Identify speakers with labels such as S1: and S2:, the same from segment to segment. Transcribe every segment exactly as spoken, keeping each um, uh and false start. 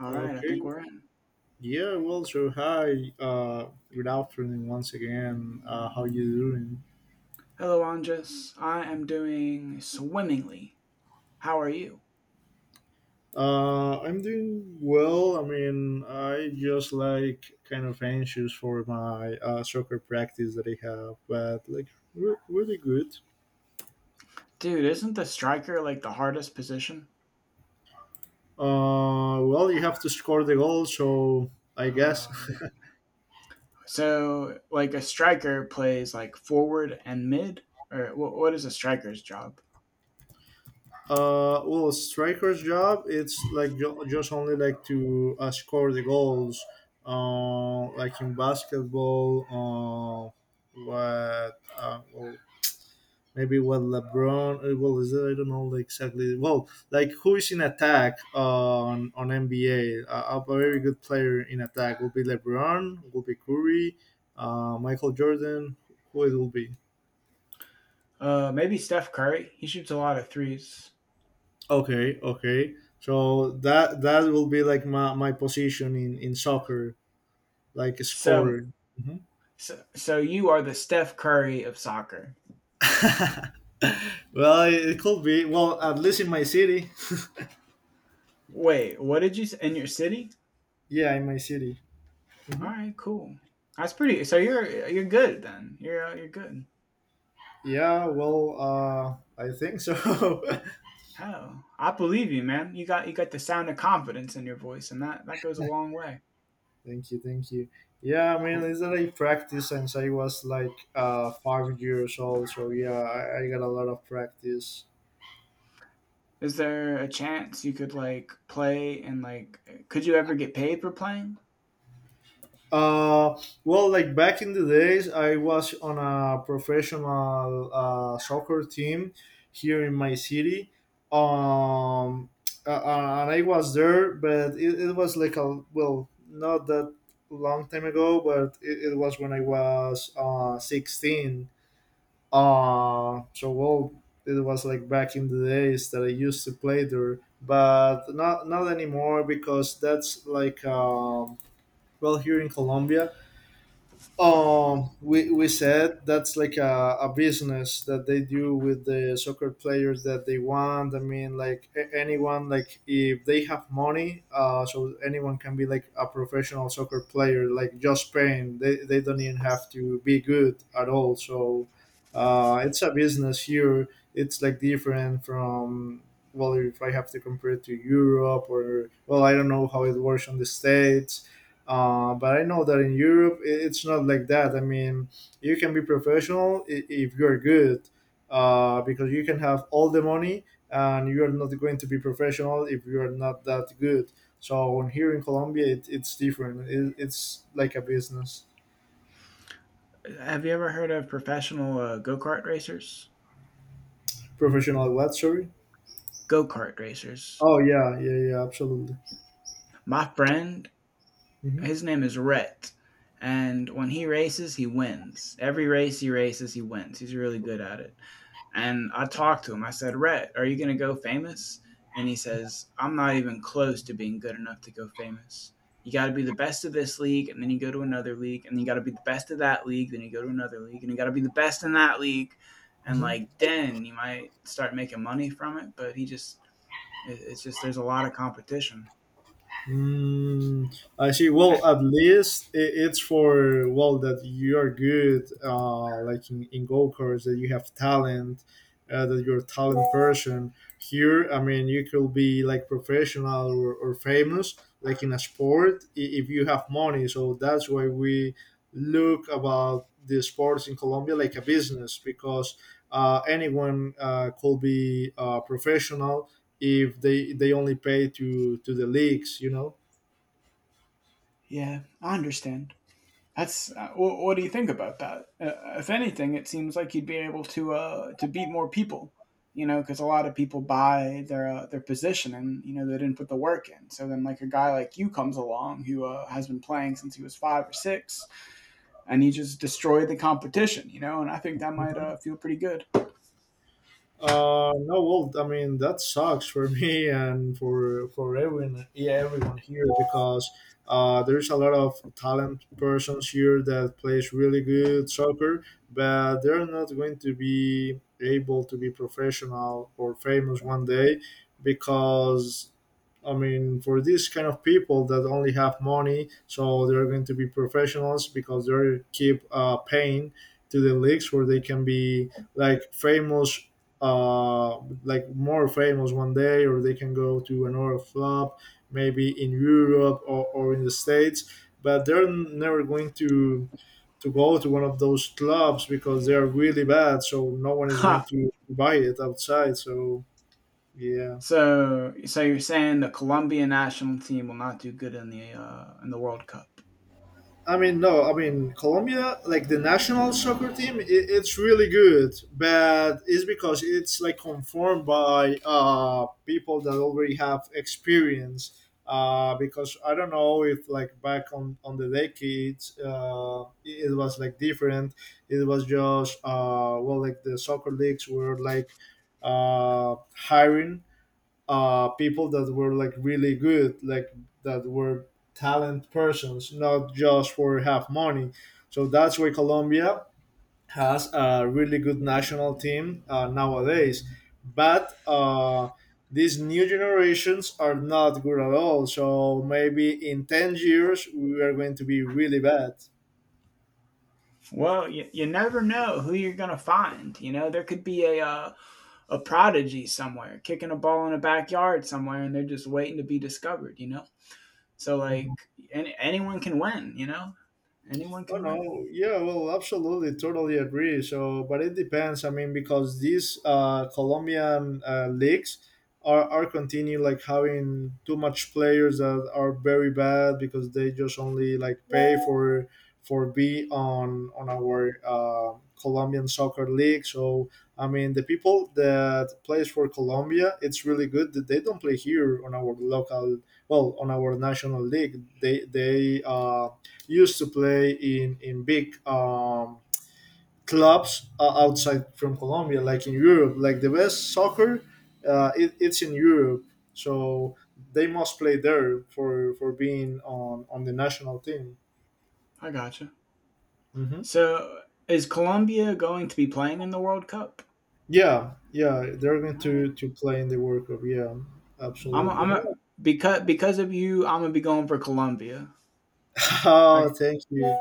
S1: All right, I
S2: Okay.
S1: think we're in.
S2: Yeah. Well. So hi. Uh, good afternoon once again. Uh, how you doing?
S1: Hello, Andres. I am doing swimmingly. How are you?
S2: Uh, I'm doing well. I mean, I just like kind of anxious for my uh, soccer practice that I have, but like re- really good.
S1: Dude, isn't the striker like the hardest position?
S2: Uh, well, you have to score the goal, so I guess.
S1: Oh, no. So, like a striker plays like forward and mid? Or wh- what is a striker's job?
S2: Uh, well, striker's job it's like ju- just only like to uh, score the goals, uh, like in basketball. Uh, what uh, Well, maybe what LeBron? uh, Well, is that I don't know, like, exactly. Well, like who is in attack uh, on on N B A? Uh, a very good player in attack will be LeBron, will be Curry, uh, Michael Jordan. Who it will be?
S1: Uh, maybe Steph Curry. He shoots a lot of threes.
S2: Okay, okay. So that that will be like my, my position in, in soccer, like a
S1: So,
S2: scorer. Mhm.
S1: so, so you are the Steph Curry of soccer.
S2: Well, it could be. Well, at least in my city.
S1: Wait, what did you say? In your city?
S2: Yeah, in my city.
S1: All
S2: hmm
S1: right, cool. That's pretty. So you're you're good then. You're uh, you're good.
S2: Yeah. Well, uh, I think so.
S1: Oh, I believe you, man. You got you got the sound of confidence in your voice, and that that goes a long way.
S2: Thank you, thank you. Yeah, I mean,
S1: Cool.
S2: it's that I practice since I was like uh, five years old. So yeah, I, I got a lot of practice.
S1: Is there a chance you could like play and like could you ever get paid for playing?
S2: Uh, well, like back in the days, I was on a professional uh, soccer team here in my city. Um, uh, uh, and I was there, but it, it was like a, well, not that long time ago, but it, it was when I was uh, sixteen. Uh, so, well, it was like back in the days that I used to play there, but not, not anymore because that's like, um, well, here in Colombia um, we, we said that's like a, a business that they do with the soccer players that they want. I mean, like a- anyone, like if they have money, uh, so anyone can be like a professional soccer player, like just paying. They, they don't even have to be good at all. So uh, it's a business here. It's like different from, well, if I have to compare it to Europe or, well, I don't know how it works on the States, uh, but I know that in Europe i- it's not like that. I mean, you can be professional i- if you're good, uh, because you can have all the money and you're not going to be professional if you're not that good. So in- here in Colombia, it, it's different. It, it's like a business.
S1: Have you ever heard of professional uh, go kart racers?
S2: Professional what? Sorry.
S1: Go kart racers.
S2: Oh yeah, yeah, yeah, absolutely.
S1: My friend,
S2: hmm
S1: his name is Rhett, and when he races, he wins. Every race he races, he wins. He's really good at it. And I talked to him. I said, Rhett, are you going to go famous? And he says, I'm not even close to being good enough to go famous. You got to be the best of this league, and then you go to another league, and you got to be the best of that league, then you go to another league, and you got to be the best in that league. And like, then you might start making money from it. But he just, it's just, there's a lot of competition.
S2: Mm, I see. Well, at least i- it's for well that you are good, uh, like in, in go karts, that you have talent, uh, that you're a talent person. Here, I mean, you could be like professional or, or famous, like in a sport, i- if you have money. So that's why we look about the sports in Colombia like a business because uh, anyone uh, could be uh, professional if they they only pay to to the leagues, you know.
S1: Yeah, I understand. That's uh, what, what do you think about that? Uh, if anything, it seems like you'd be able to uh, to beat more people, you know, because a lot of people buy their uh, their position and you know they didn't put the work in. So then, like a guy like you comes along who uh, has been playing since he was five or six, and he just destroyed the competition, you know. And I think that might uh, feel pretty good.
S2: Uh, no, well, I mean that sucks for me and for for everyone, yeah, everyone here, because uh, there's a lot of talent persons here that plays really good soccer, but they're not going to be able to be professional or famous one day because I mean, for these kind of people that only have money, so they're going to be professionals because they keep uh, paying to the leagues where they can be like famous, uh, like more famous one day, or they can go to another flop, maybe in Europe or, or in the States. But they're never going to to go to one of those clubs because they are really bad. So no one is going
S1: Ha.
S2: to buy it outside. So yeah.
S1: So, so you're saying the Colombian national team will not do good in the uh, in the World Cup?
S2: I mean, no, I mean, Colombia, like the national soccer team, it, it's really good, but it's because it's like conformed by uh, people that already have experience. Uh, because I don't know if like back on, on the decades, uh, it was like different. It was just, uh, well, like the soccer leagues were like uh, hiring uh, people that were like really good, like that were talent persons, not just for have money. So that's why Colombia has a really good national team uh, nowadays. But uh, these new generations are not good at all. So maybe in ten years, we are going to be really bad.
S1: Well, you, you never know who you're gonna find. You know, there could be a uh, a prodigy somewhere, kicking a ball in a backyard somewhere, and they're just waiting to be discovered, you know? So,
S2: Mm-hmm.
S1: like, any, anyone can win, you know? Anyone
S2: Oh
S1: can win.
S2: no, yeah, well, absolutely, totally agree. So, but it depends. I mean, because these uh, Colombian uh, leagues are are continue like having too much players that are very bad because they just only like pay for for be on on our uh, Colombian soccer league. So, I mean, the people that plays for Colombia, it's really good that they don't play here on our local, well, on our national league. They they um used to play in in big um, clubs uh, outside from Colombia, like in Europe. Like the best soccer, uh, it, it's in Europe, so they must play there for for being on on the national team.
S1: I gotcha.
S2: hmm
S1: So, is Colombia going to be playing in the World Cup?
S2: Yeah, yeah, they're going
S1: All right.
S2: to to play in the World Cup. Yeah,
S1: I'm, a, I'm
S2: absolutely.
S1: a, because because of you, I'm gonna be going for Colombia. I, got
S2: Oh, thank you,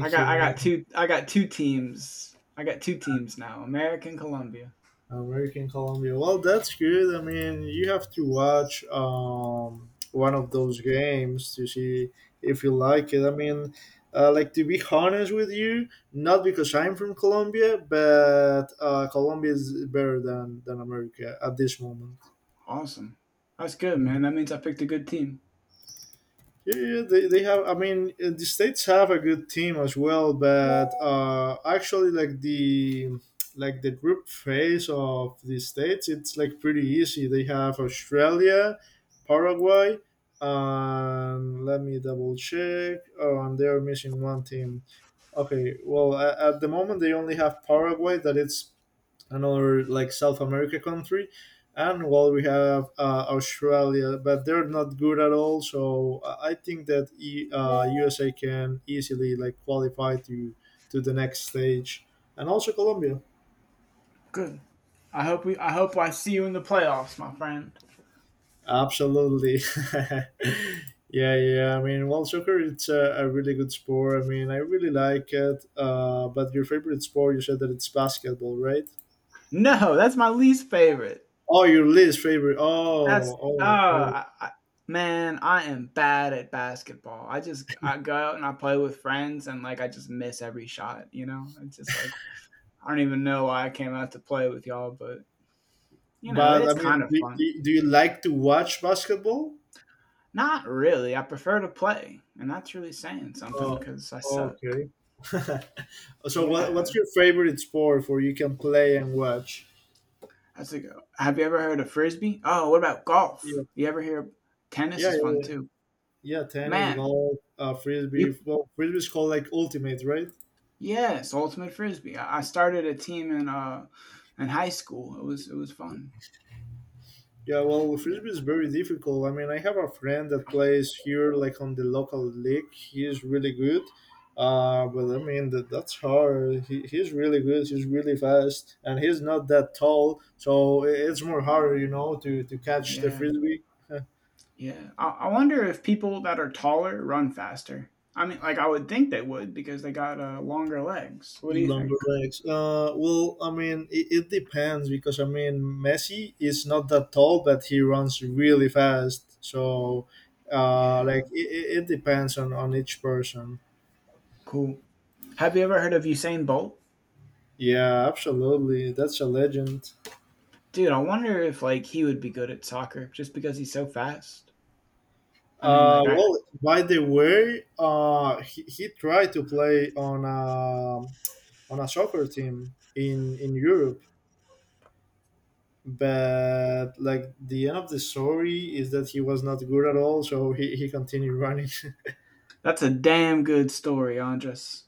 S1: I got
S2: you,
S1: I got
S2: man.
S1: two I got two teams. I got two teams now. American Colombia.
S2: American Colombia. Well, that's good. I mean, you have to watch um, one of those games to see if you like it. I mean, uh, like to be honest with you, not because I'm from Colombia, but uh, Colombia is better than than America at this moment.
S1: Awesome. That's good, man. That means I picked a good team.
S2: Yeah, yeah, yeah, they, they have. I mean, uh, the States have a good team as well, but uh, actually, like the like the group phase of the States, it's like pretty easy. They have Australia, Paraguay, and let me double check. Oh, and they're missing one team. Okay, well, at, at the moment they only have Paraguay. That it's another like South America country, and while we have uh, Australia, but they're not good at all. So I I think that e, uh, U S A can easily like qualify to to the next stage, and also Colombia.
S1: Good. I hope we. I hope I see you in the playoffs, my friend.
S2: Absolutely. Yeah, yeah. I mean, well, soccer it's a, a really good sport. I mean, I really like it. Uh, but your favorite sport, you said that it's basketball, right?
S1: No, that's my least favorite.
S2: Oh, your least favorite.
S1: That's
S2: Oh,
S1: uh,
S2: oh, okay.
S1: I, I, man, I am bad at basketball. I just I go out and I play with friends, and like I just miss every shot. You know, it's just like I don't even know why I came out to play with y'all, but you know,
S2: But I
S1: it's kind
S2: mean,
S1: of
S2: do,
S1: fun.
S2: do, do you like to watch basketball?
S1: Not really. I prefer to play, and that's really saying something
S2: Oh,
S1: because I suck.
S2: okay. So, what,
S1: Yeah.
S2: what's your favorite sport for you can play and watch?
S1: That's a go. Have you ever heard of frisbee? Oh, what about
S2: Yeah.
S1: golf? You ever hear tennis
S2: Yeah,
S1: is
S2: yeah,
S1: fun
S2: yeah.
S1: too.
S2: Yeah, tennis,
S1: Man,
S2: golf, uh, frisbee.
S1: you
S2: Well, frisbee is called like ultimate, right?
S1: yes, ultimate frisbee. I, I started a team in uh in high school. It was it was fun.
S2: Yeah, well, with
S1: Yeah,
S2: frisbee is very difficult. I mean, I have a friend that plays here, like on the local league. He's really good, uh, but I mean that that's hard. He, he's really good. He's really fast, and he's not that tall, so i- it's more harder, you know, to to catch the
S1: yeah,
S2: frisbee.
S1: yeah. I, I wonder if people that are taller run faster. I mean, like I would think they would because they got uh, longer legs. What do you
S2: Longer
S1: think?
S2: legs. Uh, well, I mean, it, it depends because I mean, Messi is not that tall, but he runs really fast. So, uh,
S1: Yeah,
S2: like, it, it it depends on on each person.
S1: cool. Have you ever heard of Usain Bolt?
S2: Yeah, absolutely. That's a legend.
S1: Dude, I wonder if like he would be good at soccer just because he's so fast. I mean,
S2: Uh,
S1: like I,
S2: well, by the way, uh, he, he tried to play on a, on a soccer team in, in Europe, but like the end of the story is that he was not good at all, so he, he continued running.
S1: That's a damn good story, Andres.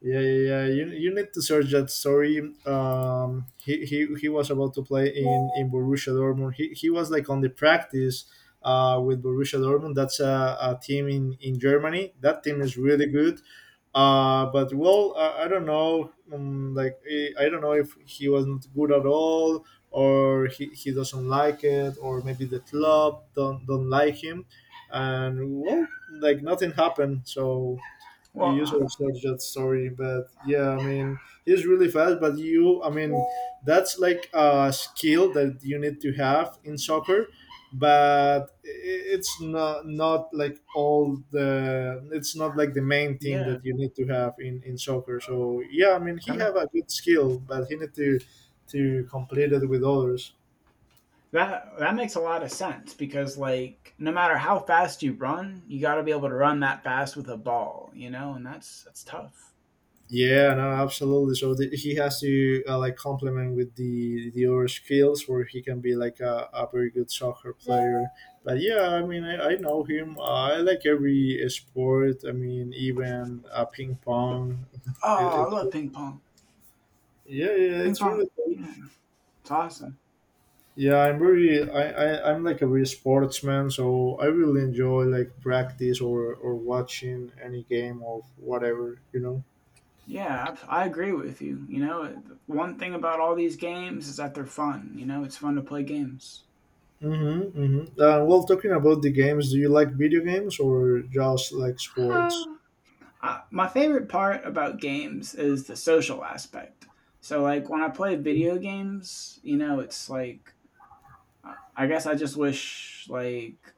S2: Yeah, yeah, yeah. You, you need to search that story. Um, he, he, he was about to play in, in Borussia Dortmund. He, he was like on the practice uh, with Borussia Dortmund. That's a, a team in, in Germany. That team is really good. Uh, but well, I, I don't know. Um, like I I don't know if he wasn't good at all, or he, he doesn't like it, or maybe the club don't don't like him. And well, like nothing happened. So you
S1: Well,
S2: used
S1: uh,
S2: to search that story, but yeah, I mean, he's really fast, but you I mean that's like a skill that you need to have in soccer, but I- it's not not like all the it's not like the main thing
S1: yeah,
S2: that you need to have in in soccer, so yeah, I mean
S1: that
S2: he
S1: makes
S2: have a good skill, but he need to to complete it with others.
S1: that that makes a lot of sense because like no matter how fast you run, you got to be able to run that fast with a ball, you know, and that's that's tough.
S2: Yeah, no, absolutely. So the, he has to uh, like complement with the the other skills where he can be like a, a very good soccer player. But yeah, I mean, I, I know him. Uh, I like every sport. I mean, even uh, ping pong.
S1: Oh,
S2: It,
S1: I
S2: it's,
S1: love ping pong.
S2: yeah, yeah,
S1: Ping
S2: it's really
S1: pong,
S2: cool.
S1: yeah, it's awesome.
S2: Yeah, I'm very I, I I'm like a real sportsman, so I really enjoy like practice or or watching any game of whatever, you know.
S1: Yeah, I, I agree with you. You know, one thing about all these games is that they're fun. You know, it's fun to play games.
S2: Mm-hmm, mm-hmm. Uh, well, talking about the games, do you like video games or just like sports?
S1: I, my favorite part about games is the social aspect. So, like, when I play video games, you know, it's like, I- I guess I just wish, like,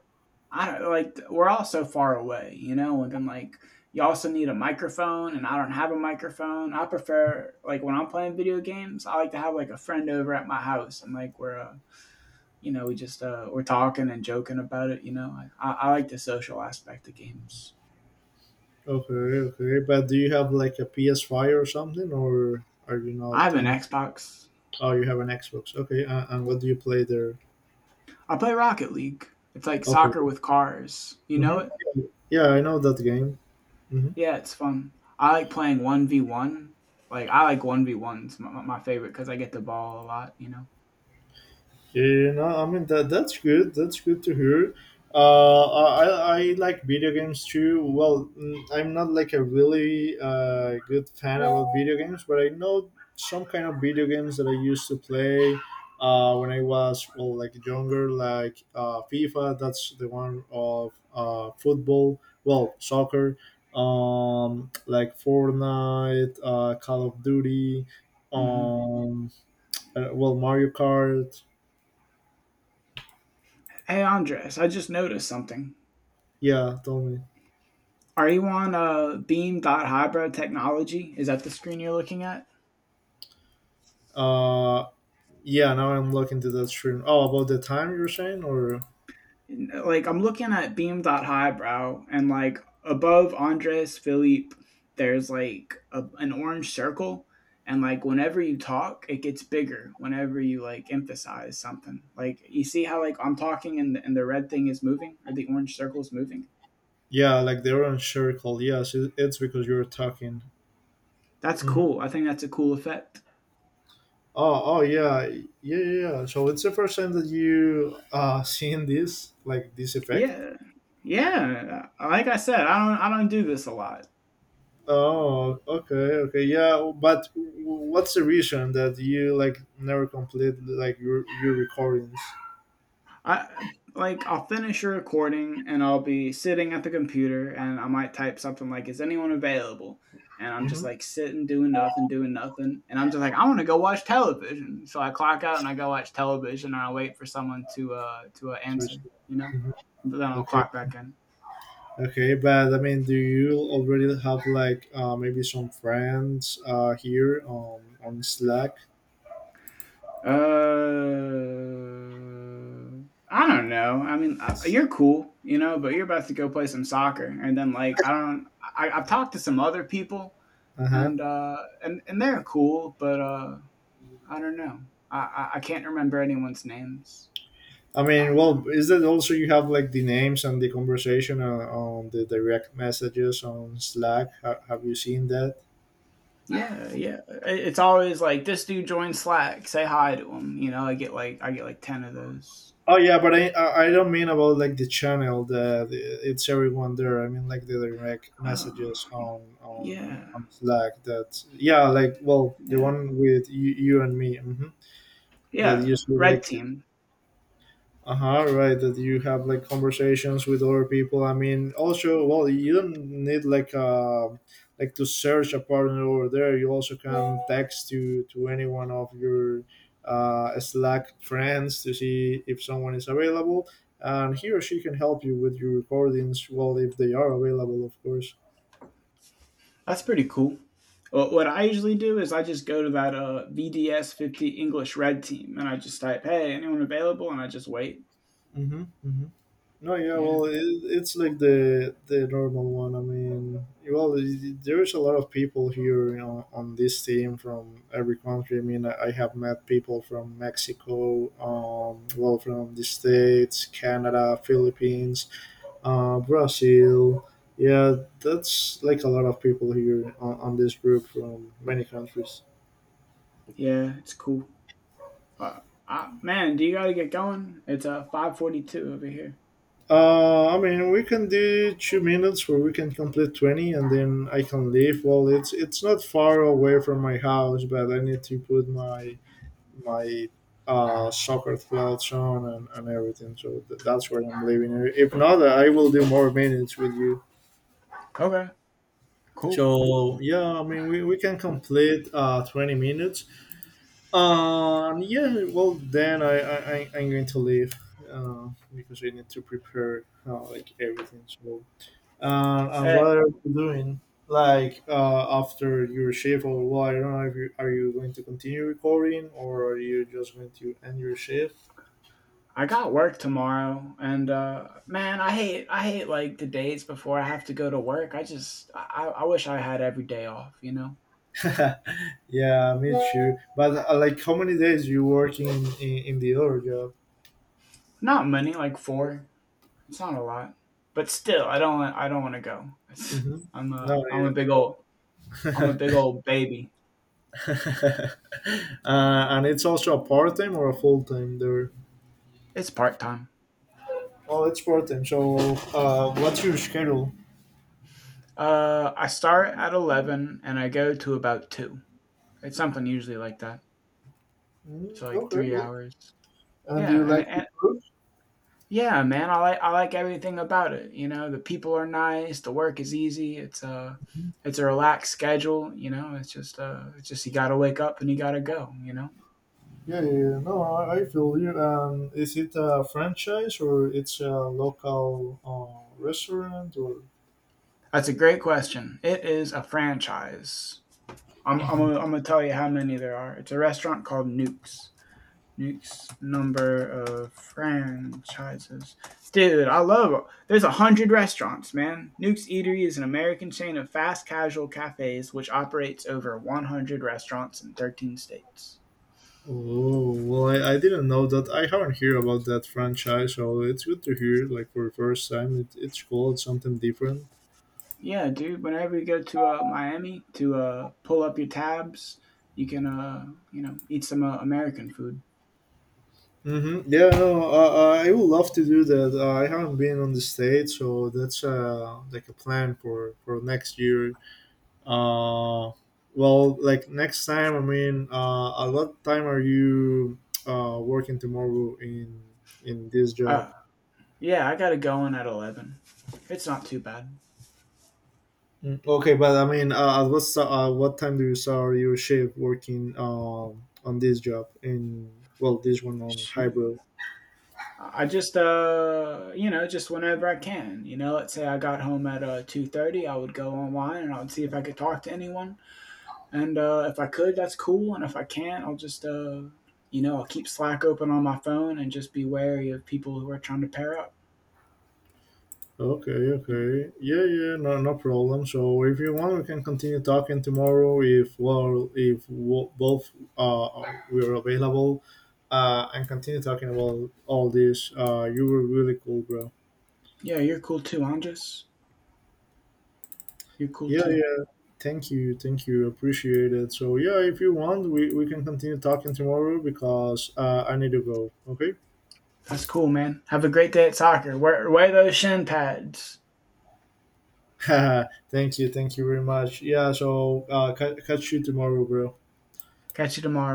S1: I don't like, we're all so far away, you know, and then, like, you also need a microphone, and I don't have a microphone. I prefer, like, when I'm playing video games, I like to have, like, a friend over at my house, and, like, we're, uh, you know, we just, uh, we're talking and joking about it, you know. I, I I like the social aspect of games.
S2: Okay, okay. But do you have like a P S five or something, or are you not
S1: I have an
S2: in?
S1: Xbox,
S2: Oh, you have an Xbox. Okay, uh, and what do you play there?
S1: I play Rocket League. It's like
S2: Okay.
S1: soccer with cars. You know
S2: Mm-hmm.
S1: it?
S2: Yeah, I know that game. Mm-hmm.
S1: Yeah, it's fun. I like playing one V one. Like, I like 1v1s, my, my favorite, because I get the ball a lot, you know?
S2: Yeah, no, I mean that that's good. That's good to hear. Uh, I I like video games too. Well, mm, I'm not like a really uh, good fan about video games, but I know some kind of video games that I used to play uh, when I was well like younger, like uh, FIFA. That's the one of uh, football. Well, soccer. Um, like Fortnite, uh, Call of Duty.
S1: Hmm.
S2: Um, uh, well, Mario Kart.
S1: Hey, Andres, I just noticed something.
S2: Yeah, tell me.
S1: Are you on a Beam.Highbrow technology? Is that the screen you're looking at?
S2: Uh, yeah, now I'm looking to the stream. Oh, about the time you were saying, or
S1: Like I'm looking at Beam.Highbrow and like above Andres Philippe, there's like a, an orange circle, and like whenever you talk, it gets bigger. Whenever you like emphasize something, like you see how like I'm talking and the, and the red thing is moving or the orange circle is moving.
S2: yeah, like they were on share call. Yes, it- it's because you were talking.
S1: That's
S2: Hmm.
S1: cool. I think that's a cool effect.
S2: Oh, oh yeah, yeah, yeah. yeah. So it's the first time that you uh seen this, like this effect.
S1: Yeah, yeah. Like I said, I don't I don't do this a lot.
S2: Oh, okay, okay, yeah. But w- what's the reason that you like never complete like your your recordings?
S1: I like I'll finish a recording and I'll be sitting at the computer and I might type something like "Is anyone available?" and I'm just
S2: Mm-hmm.
S1: like sitting doing nothing, doing nothing, and I'm just like I want to go watch television. So I clock out and I go watch television and I wait for someone to uh to uh, answer, you know. But then I'll
S2: Okay.
S1: clock back in.
S2: Okay, but I mean, do you already have like uh, maybe some friends uh, here um, on Slack?
S1: Uh, I don't know. I mean, uh, you're cool, you know, but you're about to go play some soccer, and then like I don't. I, I've talked to some other people
S2: Uh huh.
S1: and uh, and and they're cool, but uh, I don't know. I, I I can't remember anyone's names.
S2: I mean, well, is that also you have like the names and the conversation on, on the direct messages on Slack? Ha- have you seen that?
S1: Yeah, yeah. I- It's always like this dude joined Slack. Say hi to him. You know, I get like I get like ten of those.
S2: Oh yeah, but I I I don't mean about like the channel that it's everyone there. I mean like the direct
S1: Oh,
S2: messages on on
S1: yeah,
S2: on Slack. That yeah, like well, the
S1: yeah,
S2: one with you, you and me. Hmm, that
S1: yeah.
S2: usually
S1: Red
S2: like,
S1: team.
S2: uh-huh, right, that you have like conversations with other people. I mean also well you don't need like uh like to search a partner over there. You also can text to to anyone of your uh Slack friends to see if someone is available, and he or she can help you with your recordings, well, if they are available, of course.
S1: That's pretty cool. What what I usually do is I just go to that uh, V D S fifty English Red team and I just type, "Hey, anyone available?" and I just wait.
S2: Mm-hmm. No, yeah,
S1: Yeah,
S2: well, it, it's like the the normal one. I mean, well, there's a lot of people here, you know, on this team from every country. I mean, I I have met people from Mexico, um, well, from the States, Canada, Philippines, uh, Brazil. Yeah, that's like a lot of people here on, on this group from many countries.
S1: yeah. It's cool. Uh, I, man, do you gotta get going? It's uh five forty two over here.
S2: Uh, I mean, we can do two minutes where we can complete twenty, and then I can leave. Well, it's it's not far away from my house, but I need to put my my uh, soccer clothes on, and, and everything. So th- that's where I'm leaving. If not, I will do more minutes with you.
S1: Okay, cool.
S2: So yeah, I mean, we, we can complete uh, twenty minutes. Um, yeah, well then I I I- I'm going to leave uh, because I need to prepare uh, like everything. So, uh, and
S1: Hey,
S2: what are you doing like uh, after your shift? Or well, I don't know if you are, you going to continue recording, or are you just going to end your shift?
S1: I got work tomorrow, and uh, man, I hate I hate like the days before I have to go to work. I just I, I wish I had every day off. You know,
S2: Yeah, me too. But uh, like how many days you working in, in, in the other job?
S1: not many, like four. It's not a lot, but still, I don't I don't want to go. It's,
S2: Hmm.
S1: I'm
S2: No,
S1: a I'm a big old I'm a
S2: yeah.
S1: big old baby.
S2: uh, and it's also a part time or a full time there?
S1: It's part time.
S2: Oh, it's part time. So, uh, what's your schedule?
S1: Uh, I start at eleven and I go to about two. It's something usually like that. It's
S2: Mm,
S1: like
S2: okay,
S1: three
S2: well,
S1: hours.
S2: and do
S1: Yeah,
S2: you
S1: and,
S2: like to
S1: and
S2: cook?
S1: yeah, man, I like I like everything about it. You know, the people are nice, the work is easy. It's a it's a relaxed schedule. You know, it's just uh, it's just you got to wake up and you got to go. You know,
S2: Yeah, yeah, yeah. No, I, I feel you. Um, is it a franchise, or it's a local uh, restaurant, or?
S1: that's a great question. It is a franchise. I'm I'm gonna, I'm gonna tell you how many there are. It's a restaurant called Nukes. Next number of franchises. Dude, I love it. There's a hundred restaurants, man. Nuke's Eatery is an American chain of fast casual cafes which operates over one hundred restaurants in thirteen states.
S2: Oh well, I, I didn't know that. I haven't heard about that franchise, so it's good to hear. Like for the first time, it, it's cool. It's something different.
S1: Yeah, dude. Whenever you go to uh, Miami to uh, pull up your tabs, you can uh, you know eat some uh, American food.
S2: Mm-hmm. Yeah, no, uh, I would love to do that. Uh, I haven't been on the stage, so that's uh, like a plan for for next year. Uh, well, like next time, I mean, uh, a lot time are you uh, working tomorrow in in this job?
S1: Uh, yeah, I gotta go in at eleven. It's not too bad.
S2: Mm, okay, but I mean, uh, at what sta- uh, what time do you start your shift working um, on this job in, well, this one on
S1: Shoot.
S2: hybrid?
S1: I just uh you know just whenever I can. You know, let's say I got home at uh two thirty, I would go online and I would see if I could talk to anyone. And uh, if I could, that's cool. And if I can't, I'll just uh you know I'll keep Slack open on my phone and just be wary of people who are trying to pair up.
S2: Okay, okay. Yeah, yeah, no, no problem. So if you want, we can continue talking tomorrow if, well, if wo- both uh we're available, uh, and continue talking about all this. Uh, you were really cool, bro.
S1: Yeah, you're cool too, Andres. You're cool
S2: Yeah,
S1: too.
S2: yeah. Thank you, thank you. Appreciate it. So yeah, if you want, we we can continue talking tomorrow because uh, I need to go. Okay.
S1: That's cool, man. Have a great day at soccer. Wear, wear those shin pads.
S2: Thank you, thank you very much. Yeah. So uh, ca- catch you tomorrow, bro.
S1: Catch you tomorrow.